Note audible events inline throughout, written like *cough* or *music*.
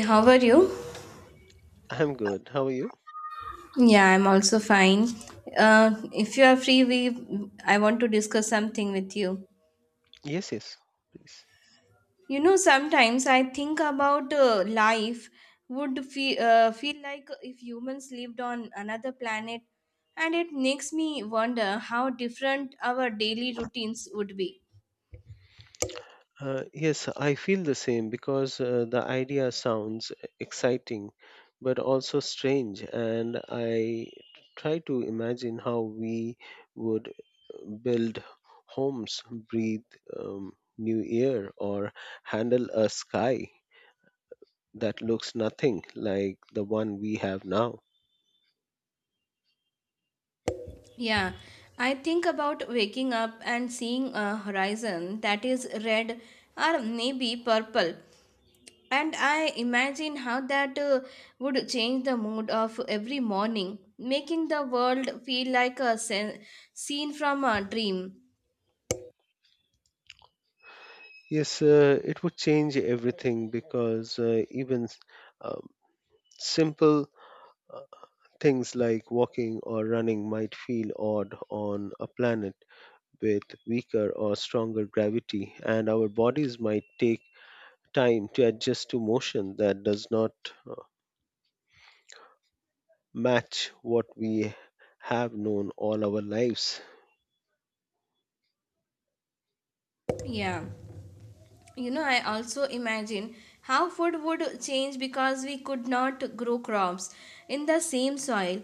How are you? I'm good. How are you? Yeah, I'm also fine. If you are free, we I want to discuss something with you. Yes, yes, please. You know, sometimes I think about life would feel like if humans lived on another planet, and it makes me wonder how different our daily routines would be. Yes, I feel the same because the idea sounds exciting but also strange, and I try to imagine how we would build homes, breathe new air, or handle a sky that looks nothing like the one we have now. Yeah, I think about waking up and seeing a horizon that is red or maybe purple. And I imagine how that would change the mood of every morning, making the world feel like a scene from a dream. Yes, it would change everything because even um, simple uh, things like walking or running might feel odd on a planet with weaker or stronger gravity, and our bodies might take time to adjust to motion that does not uh, match what we have known all our lives. Yeah. You know, I also imagine how food would change because we could not grow crops in the same soil,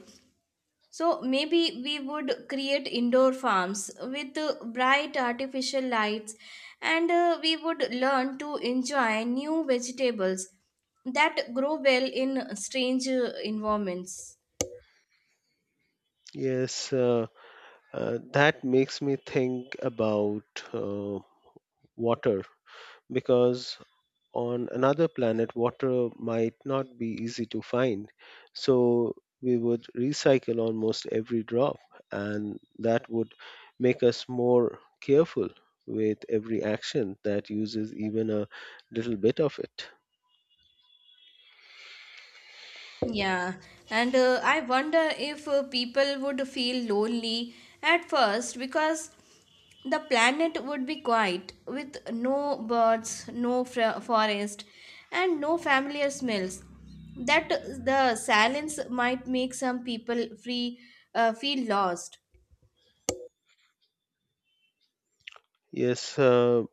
so maybe we would create indoor farms with bright artificial lights, and we would learn to enjoy new vegetables that grow well in strange environments. Yes, that makes me think about uh, water because on another planet, water might not be easy to find, so we would recycle almost every drop, and that would make us more careful with every action that uses even a little bit of it. Yeah, and I wonder if people would feel lonely at first because the planet would be quiet with no birds, no forest, and no familiar smells. That the silence might make some people free feel lost. Yes,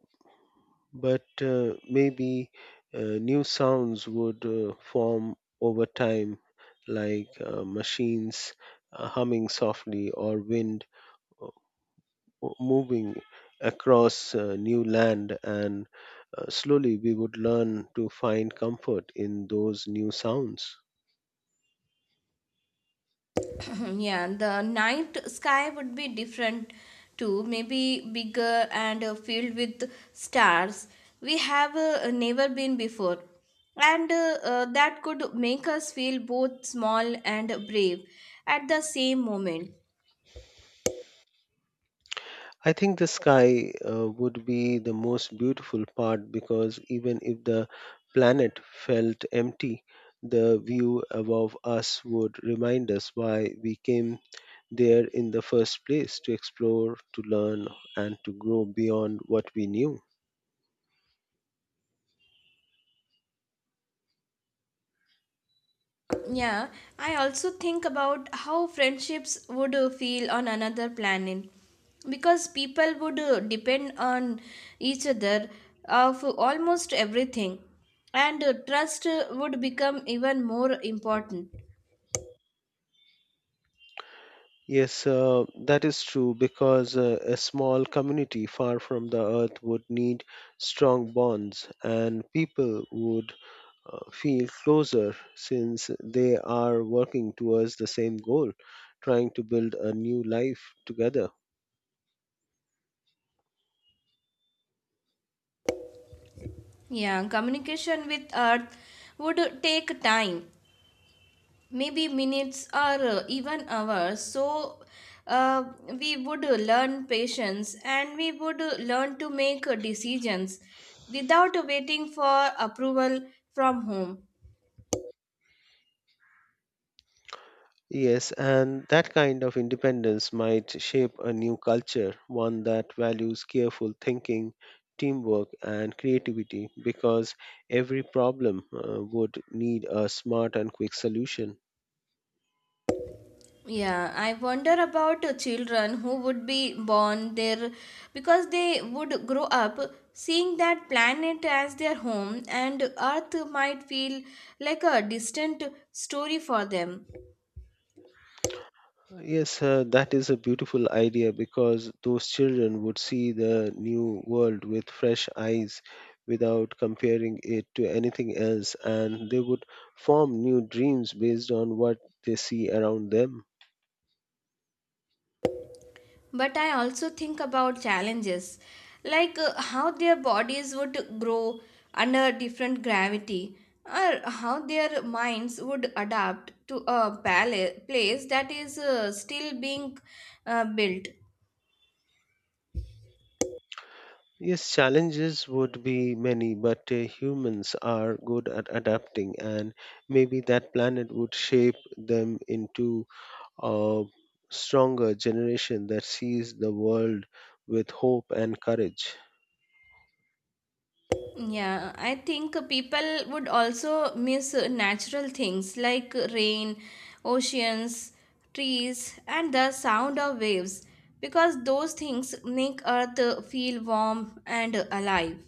but maybe new sounds would form over time, like machines humming softly or wind moving across new land, and slowly we would learn to find comfort in those new sounds. *laughs* *clears throat* Yeah, the night sky would be different too, maybe bigger and filled with stars we have never been before. And that could make us feel both small and brave at the same moment. I think the sky would be the most beautiful part because even if the planet felt empty, the view above us would remind us why we came there in the first place to explore, to learn, and to grow beyond what we knew. Yeah, I also think about how friendships would feel on another planet because people would depend on each other for almost everything, and trust would become even more important. Yes, that is true because a small community far from the earth would need strong bonds and people would feel closer since they are working towards the same goal, trying to build a new life together. Yeah, communication with Earth would take time, maybe minutes or even hours. So uh, we would learn patience, and we would learn to make decisions without waiting for approval from home. Yes, and that kind of independence might shape a new culture, one that values careful thinking, teamwork, and creativity, because every problem would need a smart and quick solution. Yeah, I wonder about children who would be born there because they would grow up seeing that planet as their home, and Earth might feel like a distant story for them. Yes, that is a beautiful idea because those children would see the new world with fresh eyes without comparing it to anything else, and they would form new dreams based on what they see around them. But I also think about challenges, like how their bodies would grow under different gravity, or how their minds would adapt to a place that is still being built. Yes, challenges would be many, but humans are good at adapting, and maybe that planet would shape them into a stronger generation that sees the world with hope and courage. Yeah, I think people would also miss natural things like rain, oceans, trees, and the sound of waves because those things make Earth feel warm and alive.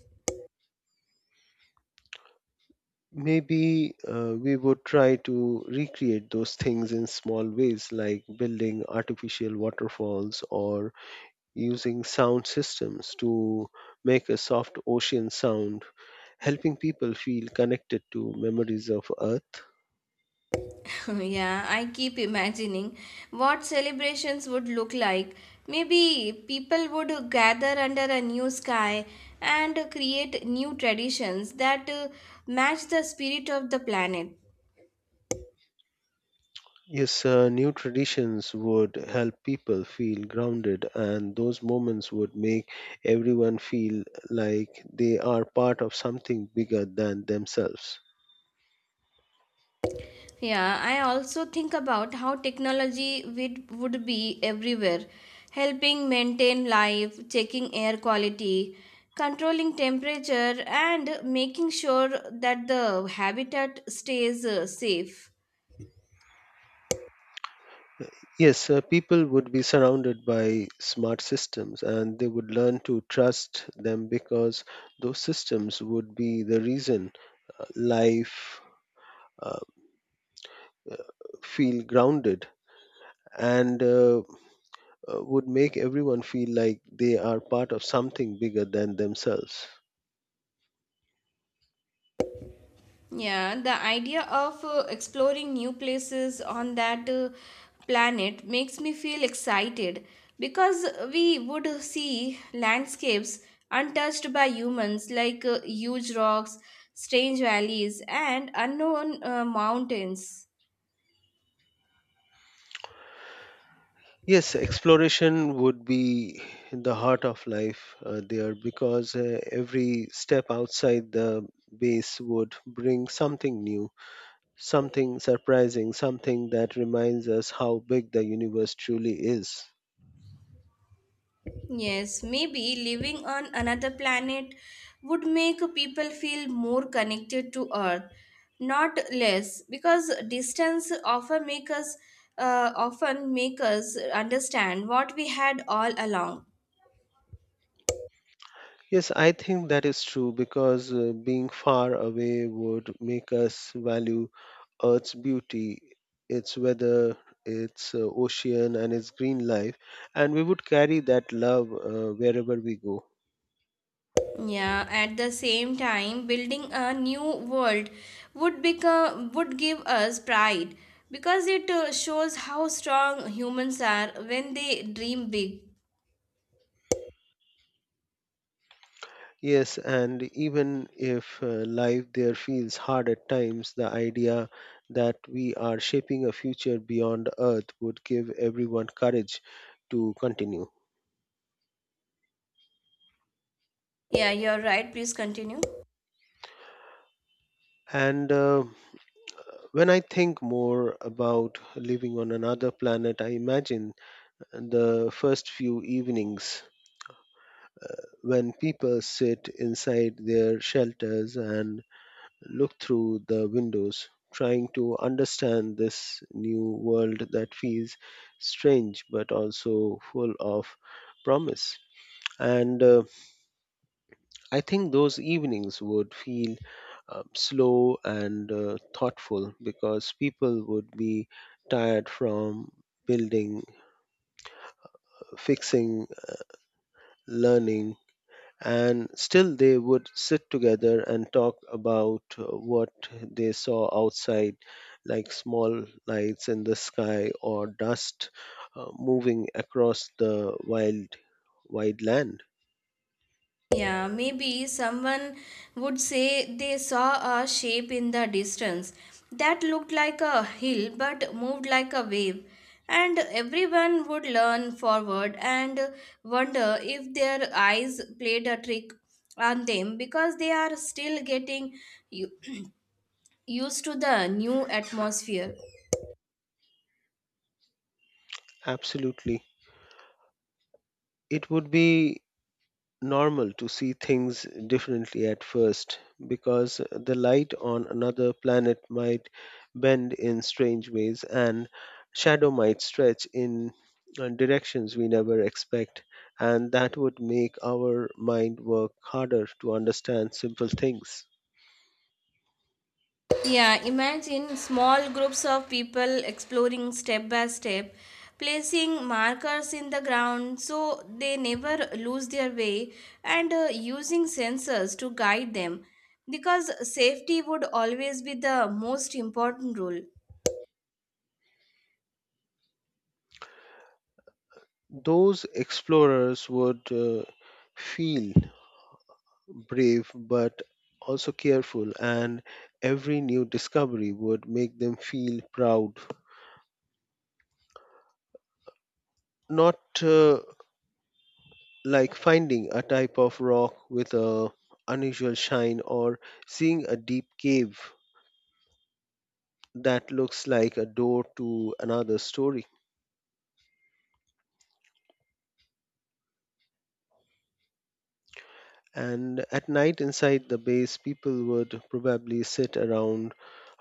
Maybe we would try to recreate those things in small ways, like building artificial waterfalls or using sound systems to make a soft ocean sound, helping people feel connected to memories of Earth. *laughs* Yeah, I keep imagining what celebrations would look like. Maybe people would gather under a new sky and create new traditions that match the spirit of the planet. Yes, new traditions would help people feel grounded, and those moments would make everyone feel like they are part of something bigger than themselves. Yeah, I also think about how technology would be everywhere, helping maintain life, checking air quality, controlling temperature, and making sure that the habitat stays safe. Yes, people would be surrounded by smart systems and they would learn to trust them because those systems would be the reason life uh, feel grounded and would make everyone feel like they are part of something bigger than themselves. Yeah, the idea of exploring new places on that planet makes me feel excited because we would see landscapes untouched by humans, like huge rocks, strange valleys, and unknown mountains. Yes, exploration would be in the heart of life there because every step outside the base would bring something new, something surprising, something that reminds us how big the universe truly is. Yes, maybe living on another planet would make people feel more connected to Earth, not less, because distance often make us understand what we had all along. Yes, I think that is true because being far away would make us value Earth's beauty, its weather, its ocean, and its green life, and we would carry that love wherever we go. Yeah, at the same time, building a new world would give us pride because it shows how strong humans are when they dream big. Yes, and even if life there feels hard at times, the idea that we are shaping a future beyond Earth would give everyone courage to continue. Yeah, you're right. Please continue. And When I think more about living on another planet, I imagine the first few evenings when people sit inside their shelters and look through the windows, trying to understand this new world that feels strange but also full of promise. And I think those evenings would feel slow and thoughtful because people would be tired from building, fixing, learning, and still they would sit together and talk about what they saw outside, like small lights in the sky or dust moving across the wild, wide land. Yeah, maybe someone would say they saw a shape in the distance that looked like a hill but moved like a wave. And everyone would lean forward and wonder if their eyes played a trick on them because they are still getting u- *clears throat* used to the new atmosphere. Absolutely. It would be normal to see things differently at first because the light on another planet might bend in strange ways and shadow might stretch in directions we never expect, and that would make our mind work harder to understand simple things. Yeah, imagine small groups of people exploring step by step, placing markers in the ground so they never lose their way, and using sensors to guide them because safety would always be the most important rule. Those explorers would feel brave but also careful, and every new discovery would make them feel proud, not like finding a type of rock with a unusual shine or seeing a deep cave that looks like a door to another story. And at night inside the base, people would probably sit around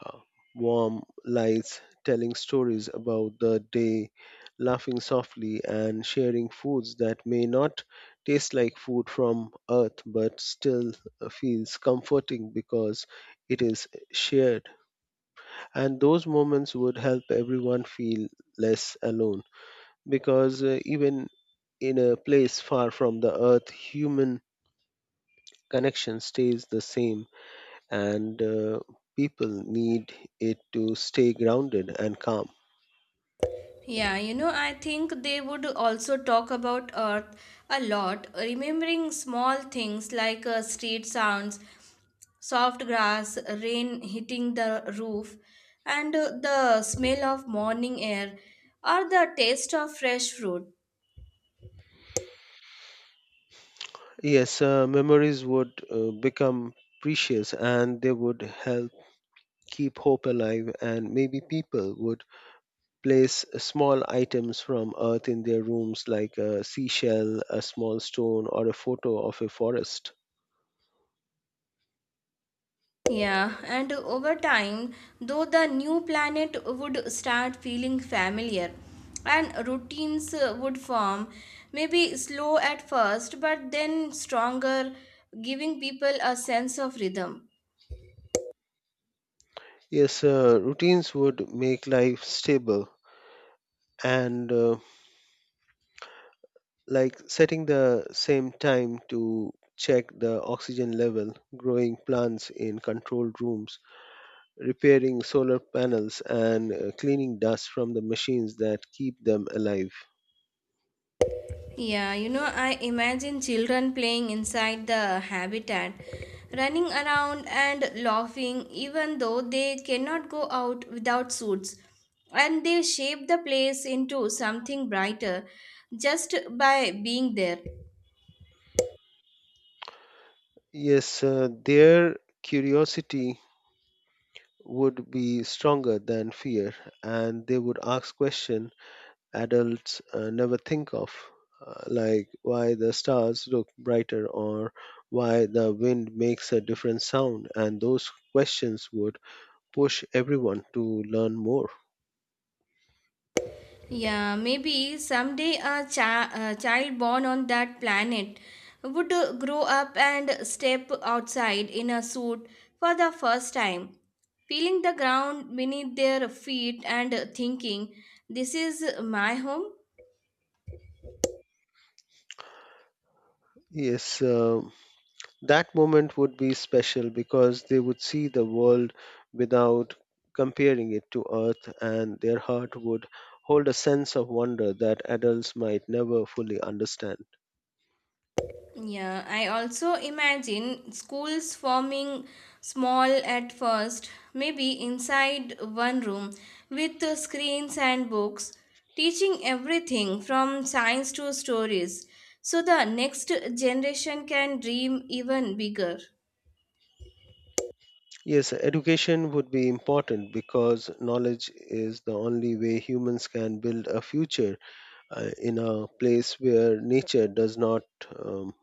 uh, warm lights, telling stories about the day, laughing softly, and sharing foods that may not taste like food from earth but still feels comforting because it is shared. And those moments would help everyone feel less alone because even in a place far from the earth, human connection stays the same and people need it to stay grounded and calm. Yeah, you know, I think they would also talk about Earth a lot, remembering small things like street sounds, soft grass, rain hitting the roof, and the smell of morning air or the taste of fresh fruit. Yes, memories would become precious and they would help keep hope alive, and maybe people would place small items from earth in their rooms, like a seashell, a small stone, or a photo of a forest. Yeah, and over time, though the new planet would start feeling familiar, and routines would form, maybe slow at first, but then stronger, giving people a sense of rhythm. Yes, routines would make life stable and like setting the same time to check the oxygen level, growing plants in controlled rooms, repairing solar panels, and cleaning dust from the machines that keep them alive. Yeah, you know, I imagine children playing inside the habitat, running around and laughing, even though they cannot go out without suits. And they shape the place into something brighter just by being there. Yes, their curiosity would be stronger than fear, and they would ask questions adults never think of. Like why the stars look brighter or why the wind makes a different sound, and those questions would push everyone to learn more. Yeah, maybe someday a child born on that planet would grow up and step outside in a suit for the first time, feeling the ground beneath their feet and thinking, this is my home. Yes, that moment would be special because they would see the world without comparing it to Earth, and their heart would hold a sense of wonder that adults might never fully understand. Yeah, I also imagine schools forming, small at first, maybe inside one room with the screens and books, teaching everything from science to stories, so the next generation can dream even bigger. Yes, education would be important because knowledge is the only way humans can build a future in a place where nature does not um,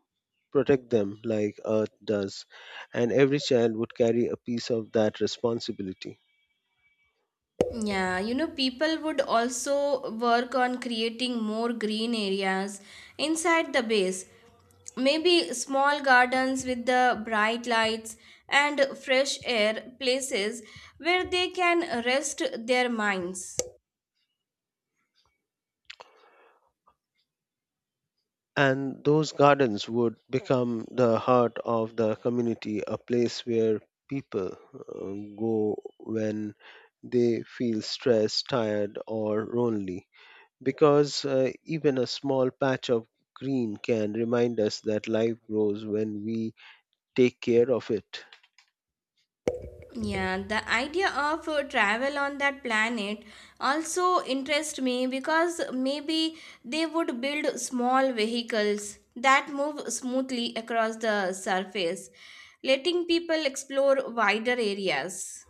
protect them like Earth does, and every child would carry a piece of that responsibility. Yeah, you know, people would also work on creating more green areas inside the base. Maybe small gardens with the bright lights and fresh air, places where they can rest their minds. And those gardens would become the heart of the community, a place where people go when they feel stressed, tired, or lonely. Because even a small patch of green can remind us that life grows when we take care of it. Yeah, the idea of travel on that planet also interests me because maybe they would build small vehicles that move smoothly across the surface, letting people explore wider areas.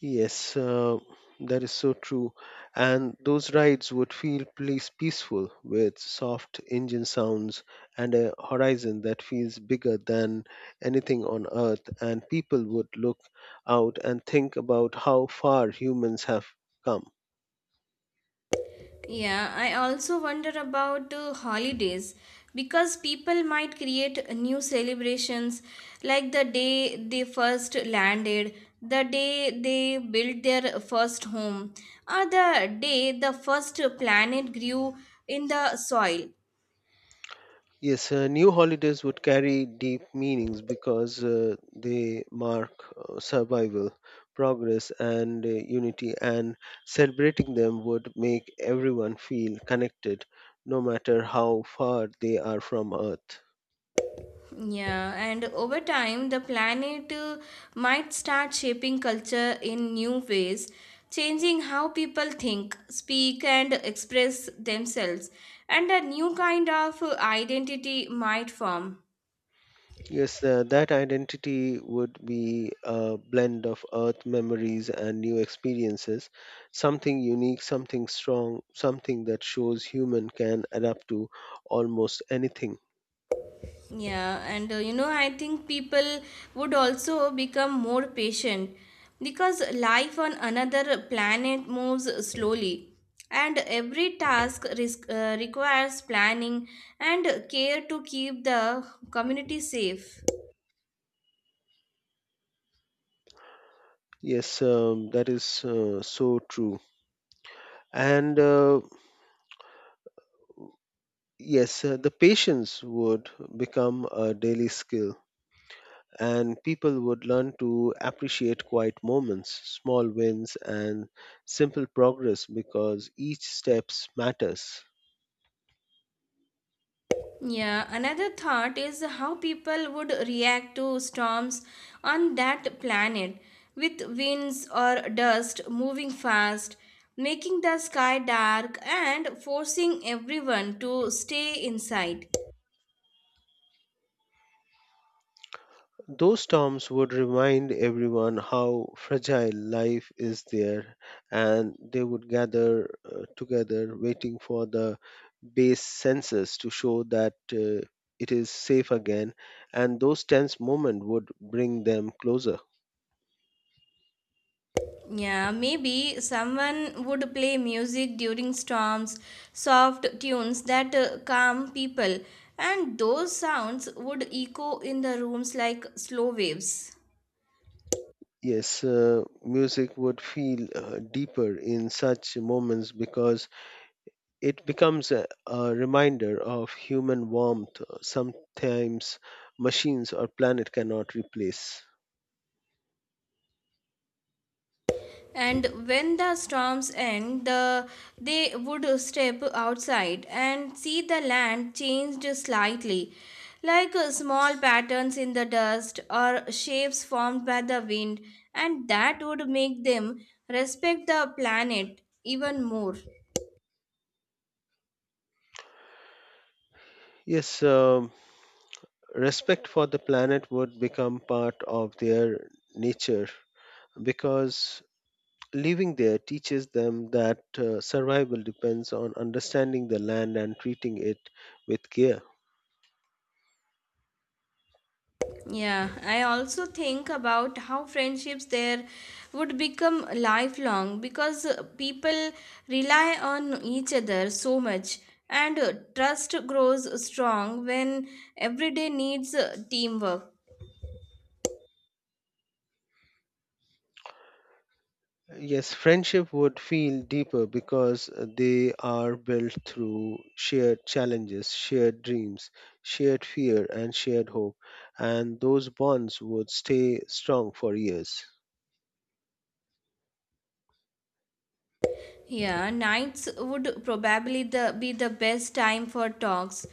Yes, that is so true. And those rides would feel please peaceful with soft engine sounds and a horizon that feels bigger than anything on earth. And people would look out and think about how far humans have come. Yeah, I also wonder about holidays because people might create new celebrations, like the day they first landed, the day they built their first home, or the day the first planet grew in the soil. Yes, new holidays would carry deep meanings because they mark survival, progress, and unity, and celebrating them would make everyone feel connected no matter how far they are from Earth. Yeah, and over time, the planet might start shaping culture in new ways, changing how people think, speak, and express themselves, and a new kind of identity might form. Yes, that identity would be a blend of Earth memories and new experiences, something unique, something strong, something that shows human can adapt to almost anything. Yeah, and you know, I think people would also become more patient because life on another planet moves slowly, and every task requires planning and care to keep the community safe. Yes, that is so true. And yes, the patience would become a daily skill, and people would learn to appreciate quiet moments, small wins, and simple progress because each steps matters. Yeah, another thought is how people would react to storms on that planet, with winds or dust moving fast, making the sky dark and forcing everyone to stay inside. Those terms would remind everyone how fragile life is there, and they would gather together waiting for the base census to show that it is safe again, and those tense moments would bring them closer. Yeah, maybe someone would play music during storms, soft tunes that calm people, and those sounds would echo in the rooms like slow waves. Yes, music would feel deeper in such moments because it becomes a reminder of human warmth, sometimes machines or planet cannot replace. And when the storms end, they would step outside and see the land changed slightly, like small patterns in the dust or shapes formed by the wind, and that would make them respect the planet even more. Yes, respect for the planet would become part of their nature because living there teaches them that survival depends on understanding the land and treating it with care. Yeah, I also think about how friendships there would become lifelong because people rely on each other so much, and trust grows strong when everyday needs teamwork. Yes, friendship would feel deeper because they are built through shared challenges, shared dreams, shared fear, and shared hope, and those bonds would stay strong for years. Yeah, nights would probably be the best time for talks,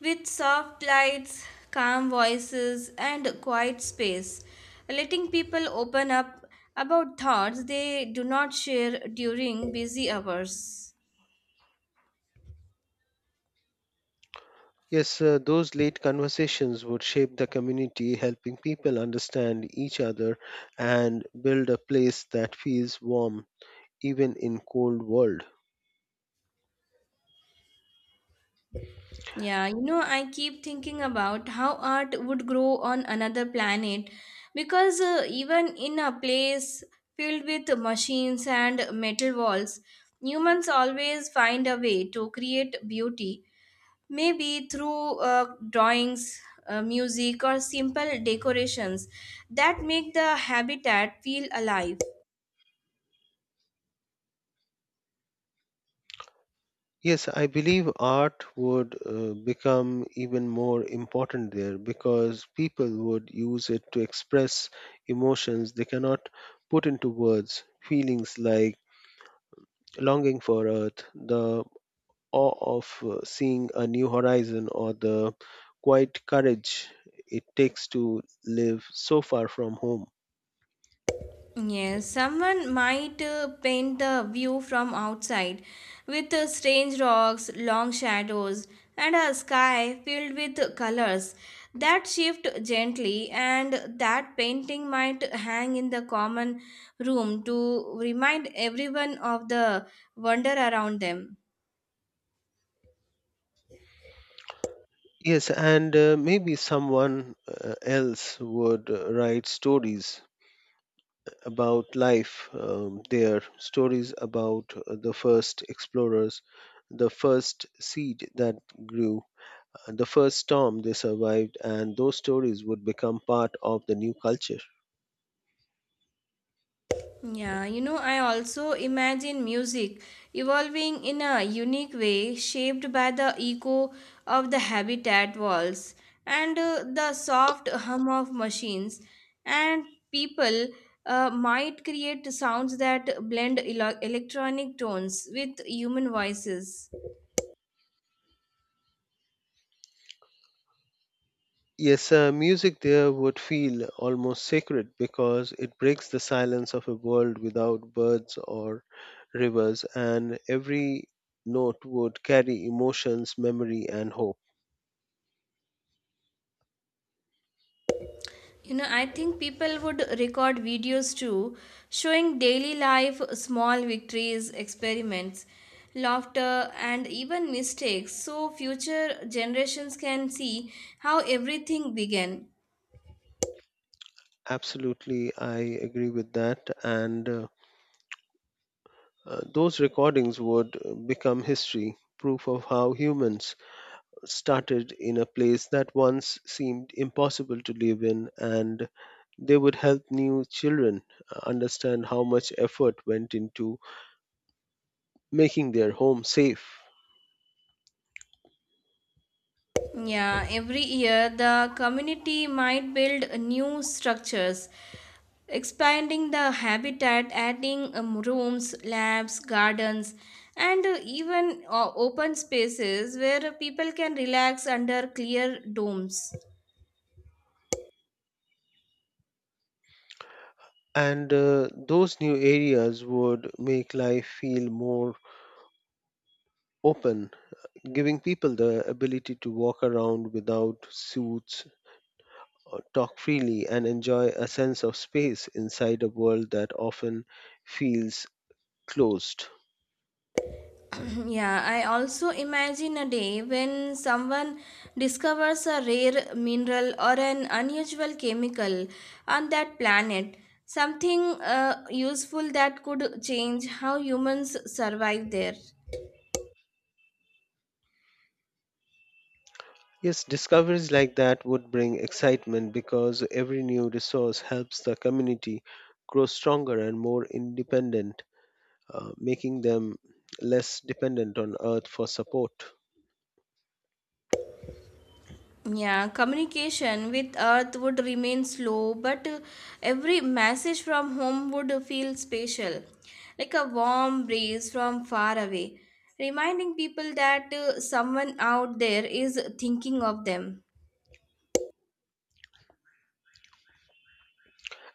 with soft lights, calm voices, and quiet space, letting people open up about thoughts they do not share during busy hours. Yes, those late conversations would shape the community, helping people understand each other and build a place that feels warm even in cold world. Yeah, you know, I keep thinking about how art would grow on another planet because even in a place filled with machines and metal walls, humans always find a way to create beauty, maybe through drawings, music, or simple decorations that make the habitat feel alive. Yes, I believe art would become even more important there because people would use it to express emotions they cannot put into words, feelings like longing for earth, the awe of seeing a new horizon or the quiet courage it takes to live so far from home. Yes, someone might paint the view from outside, with strange rocks, long shadows, and a sky filled with colors that shift gently, and that painting might hang in the common room to remind everyone of the wonder around them. Yes, and maybe someone else would write stories about life there, stories about the first explorers, the first seed that grew, the first storm they survived, and those stories would become part of the new culture. Yeah, you know, I also imagine music evolving in a unique way, shaped by the echo of the habitat walls and the soft hum of machines. And people might create sounds that blend electronic tones with human voices. Yes, music there would feel almost sacred because it breaks the silence of a world without birds or rivers, and every note would carry emotions, memory, and hope. You know, I think people would record videos too, showing daily life, small victories, experiments, laughter, and even mistakes, so future generations can see how everything began. Absolutely, I agree with that. And those recordings would become history, proof of how humans started in a place that once seemed impossible to live in, and they would help new children understand how much effort went into making their home safe. Yeah, every year the community might build new structures, expanding the habitat, adding rooms, labs, gardens, and even open spaces where people can relax under clear domes. And those new areas would make life feel more open, giving people the ability to walk around without suits, or talk freely, and enjoy a sense of space inside a world that often feels closed. *clears throat* Yeah, I also imagine a day when someone discovers a rare mineral or an unusual chemical on that planet. Something useful that could change how humans survive there. Yes, discoveries like that would bring excitement because every new resource helps the community grow stronger and more independent, making them less dependent on Earth for support. Yeah, communication with Earth would remain slow, but every message from home would feel special, like a warm breeze from far away, reminding people that someone out there is thinking of them.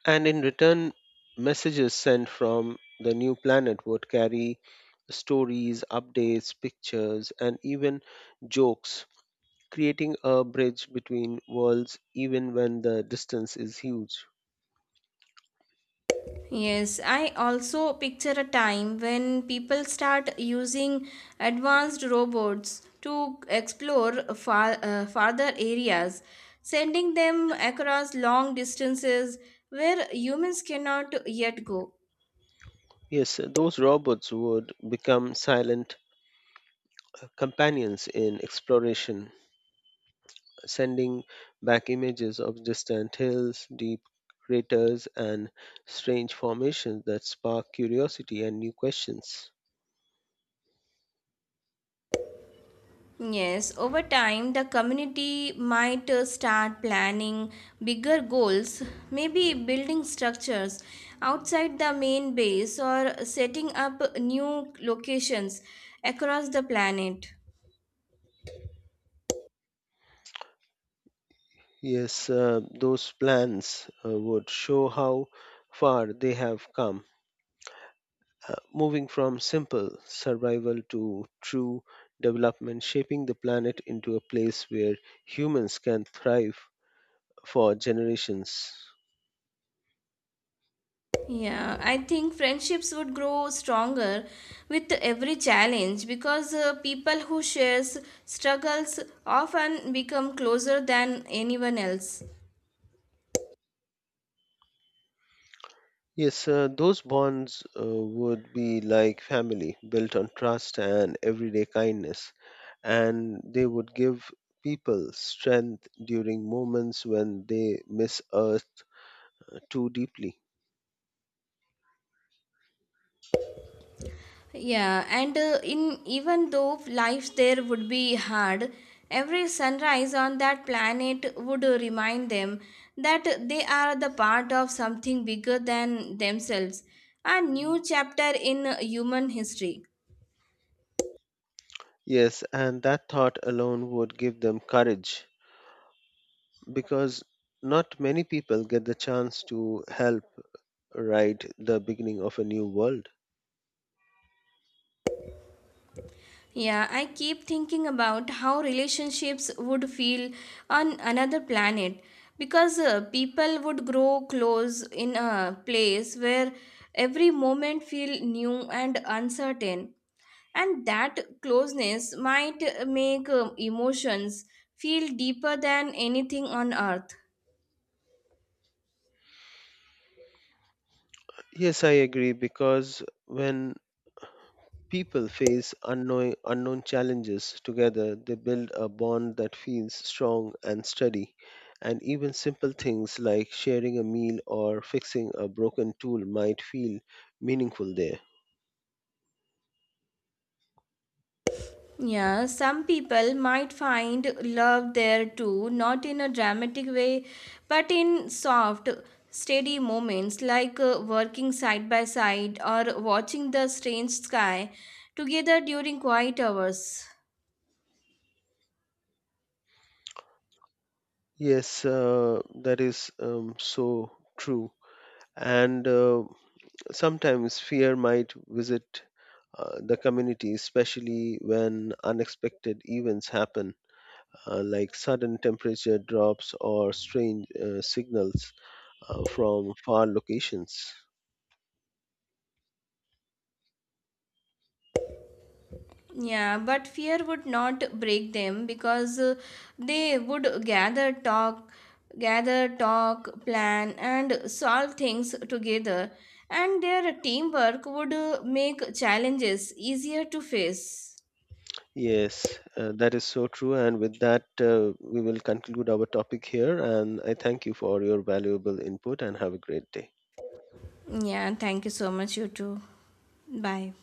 And in return, messages sent from the new planet would carry stories, updates, pictures, and even jokes, creating a bridge between worlds even when the distance is huge. Yes, I also picture a time when people start using advanced robots to explore farther areas, sending them across long distances where humans cannot yet go. Yes, those robots would become silent companions in exploration, sending back images of distant hills, deep craters, and strange formations that spark curiosity and new questions. Yes, over time, the community might start planning bigger goals, maybe building structures outside the main base or setting up new locations across the planet. Yes, those plans would show how far they have come, moving from simple survival to true development, shaping the planet into a place where humans can thrive for generations. Yeah, I think friendships would grow stronger with every challenge because people who shares struggles often become closer than anyone else. Yes, those bonds would be like family, built on trust and everyday kindness, and they would give people strength during moments when they miss Earth too deeply. Yeah, and in even though life there would be hard, every sunrise on that planet would remind them that they are the part of something bigger than themselves, a new chapter in human history. Yes, and that thought alone would give them courage because not many people get the chance to help write the beginning of a new world. Yeah, I keep thinking about how relationships would feel on another planet because people would grow close in a place where every moment feel new and uncertain, and that closeness might make emotions feel deeper than anything on Earth. Yes, I agree because when people face unknown challenges together, they build a bond that feels strong and steady. And even simple things like sharing a meal or fixing a broken tool might feel meaningful there. Yeah, some people might find love there too, not in a dramatic way, but in soft, steady moments like working side by side or watching the strange sky together during quiet hours. Yes, that is so true. And sometimes fear might visit the community, especially when unexpected events happen, like sudden temperature drops or strange signals from far locations. Yeah, but fear would not break them because they would gather, talk, plan, and solve things together. And their teamwork would make challenges easier to face. Yes, that is so true. And with that, we will conclude our topic here. And I thank you for your valuable input and have a great day. Yeah, thank you so much, you too. Bye.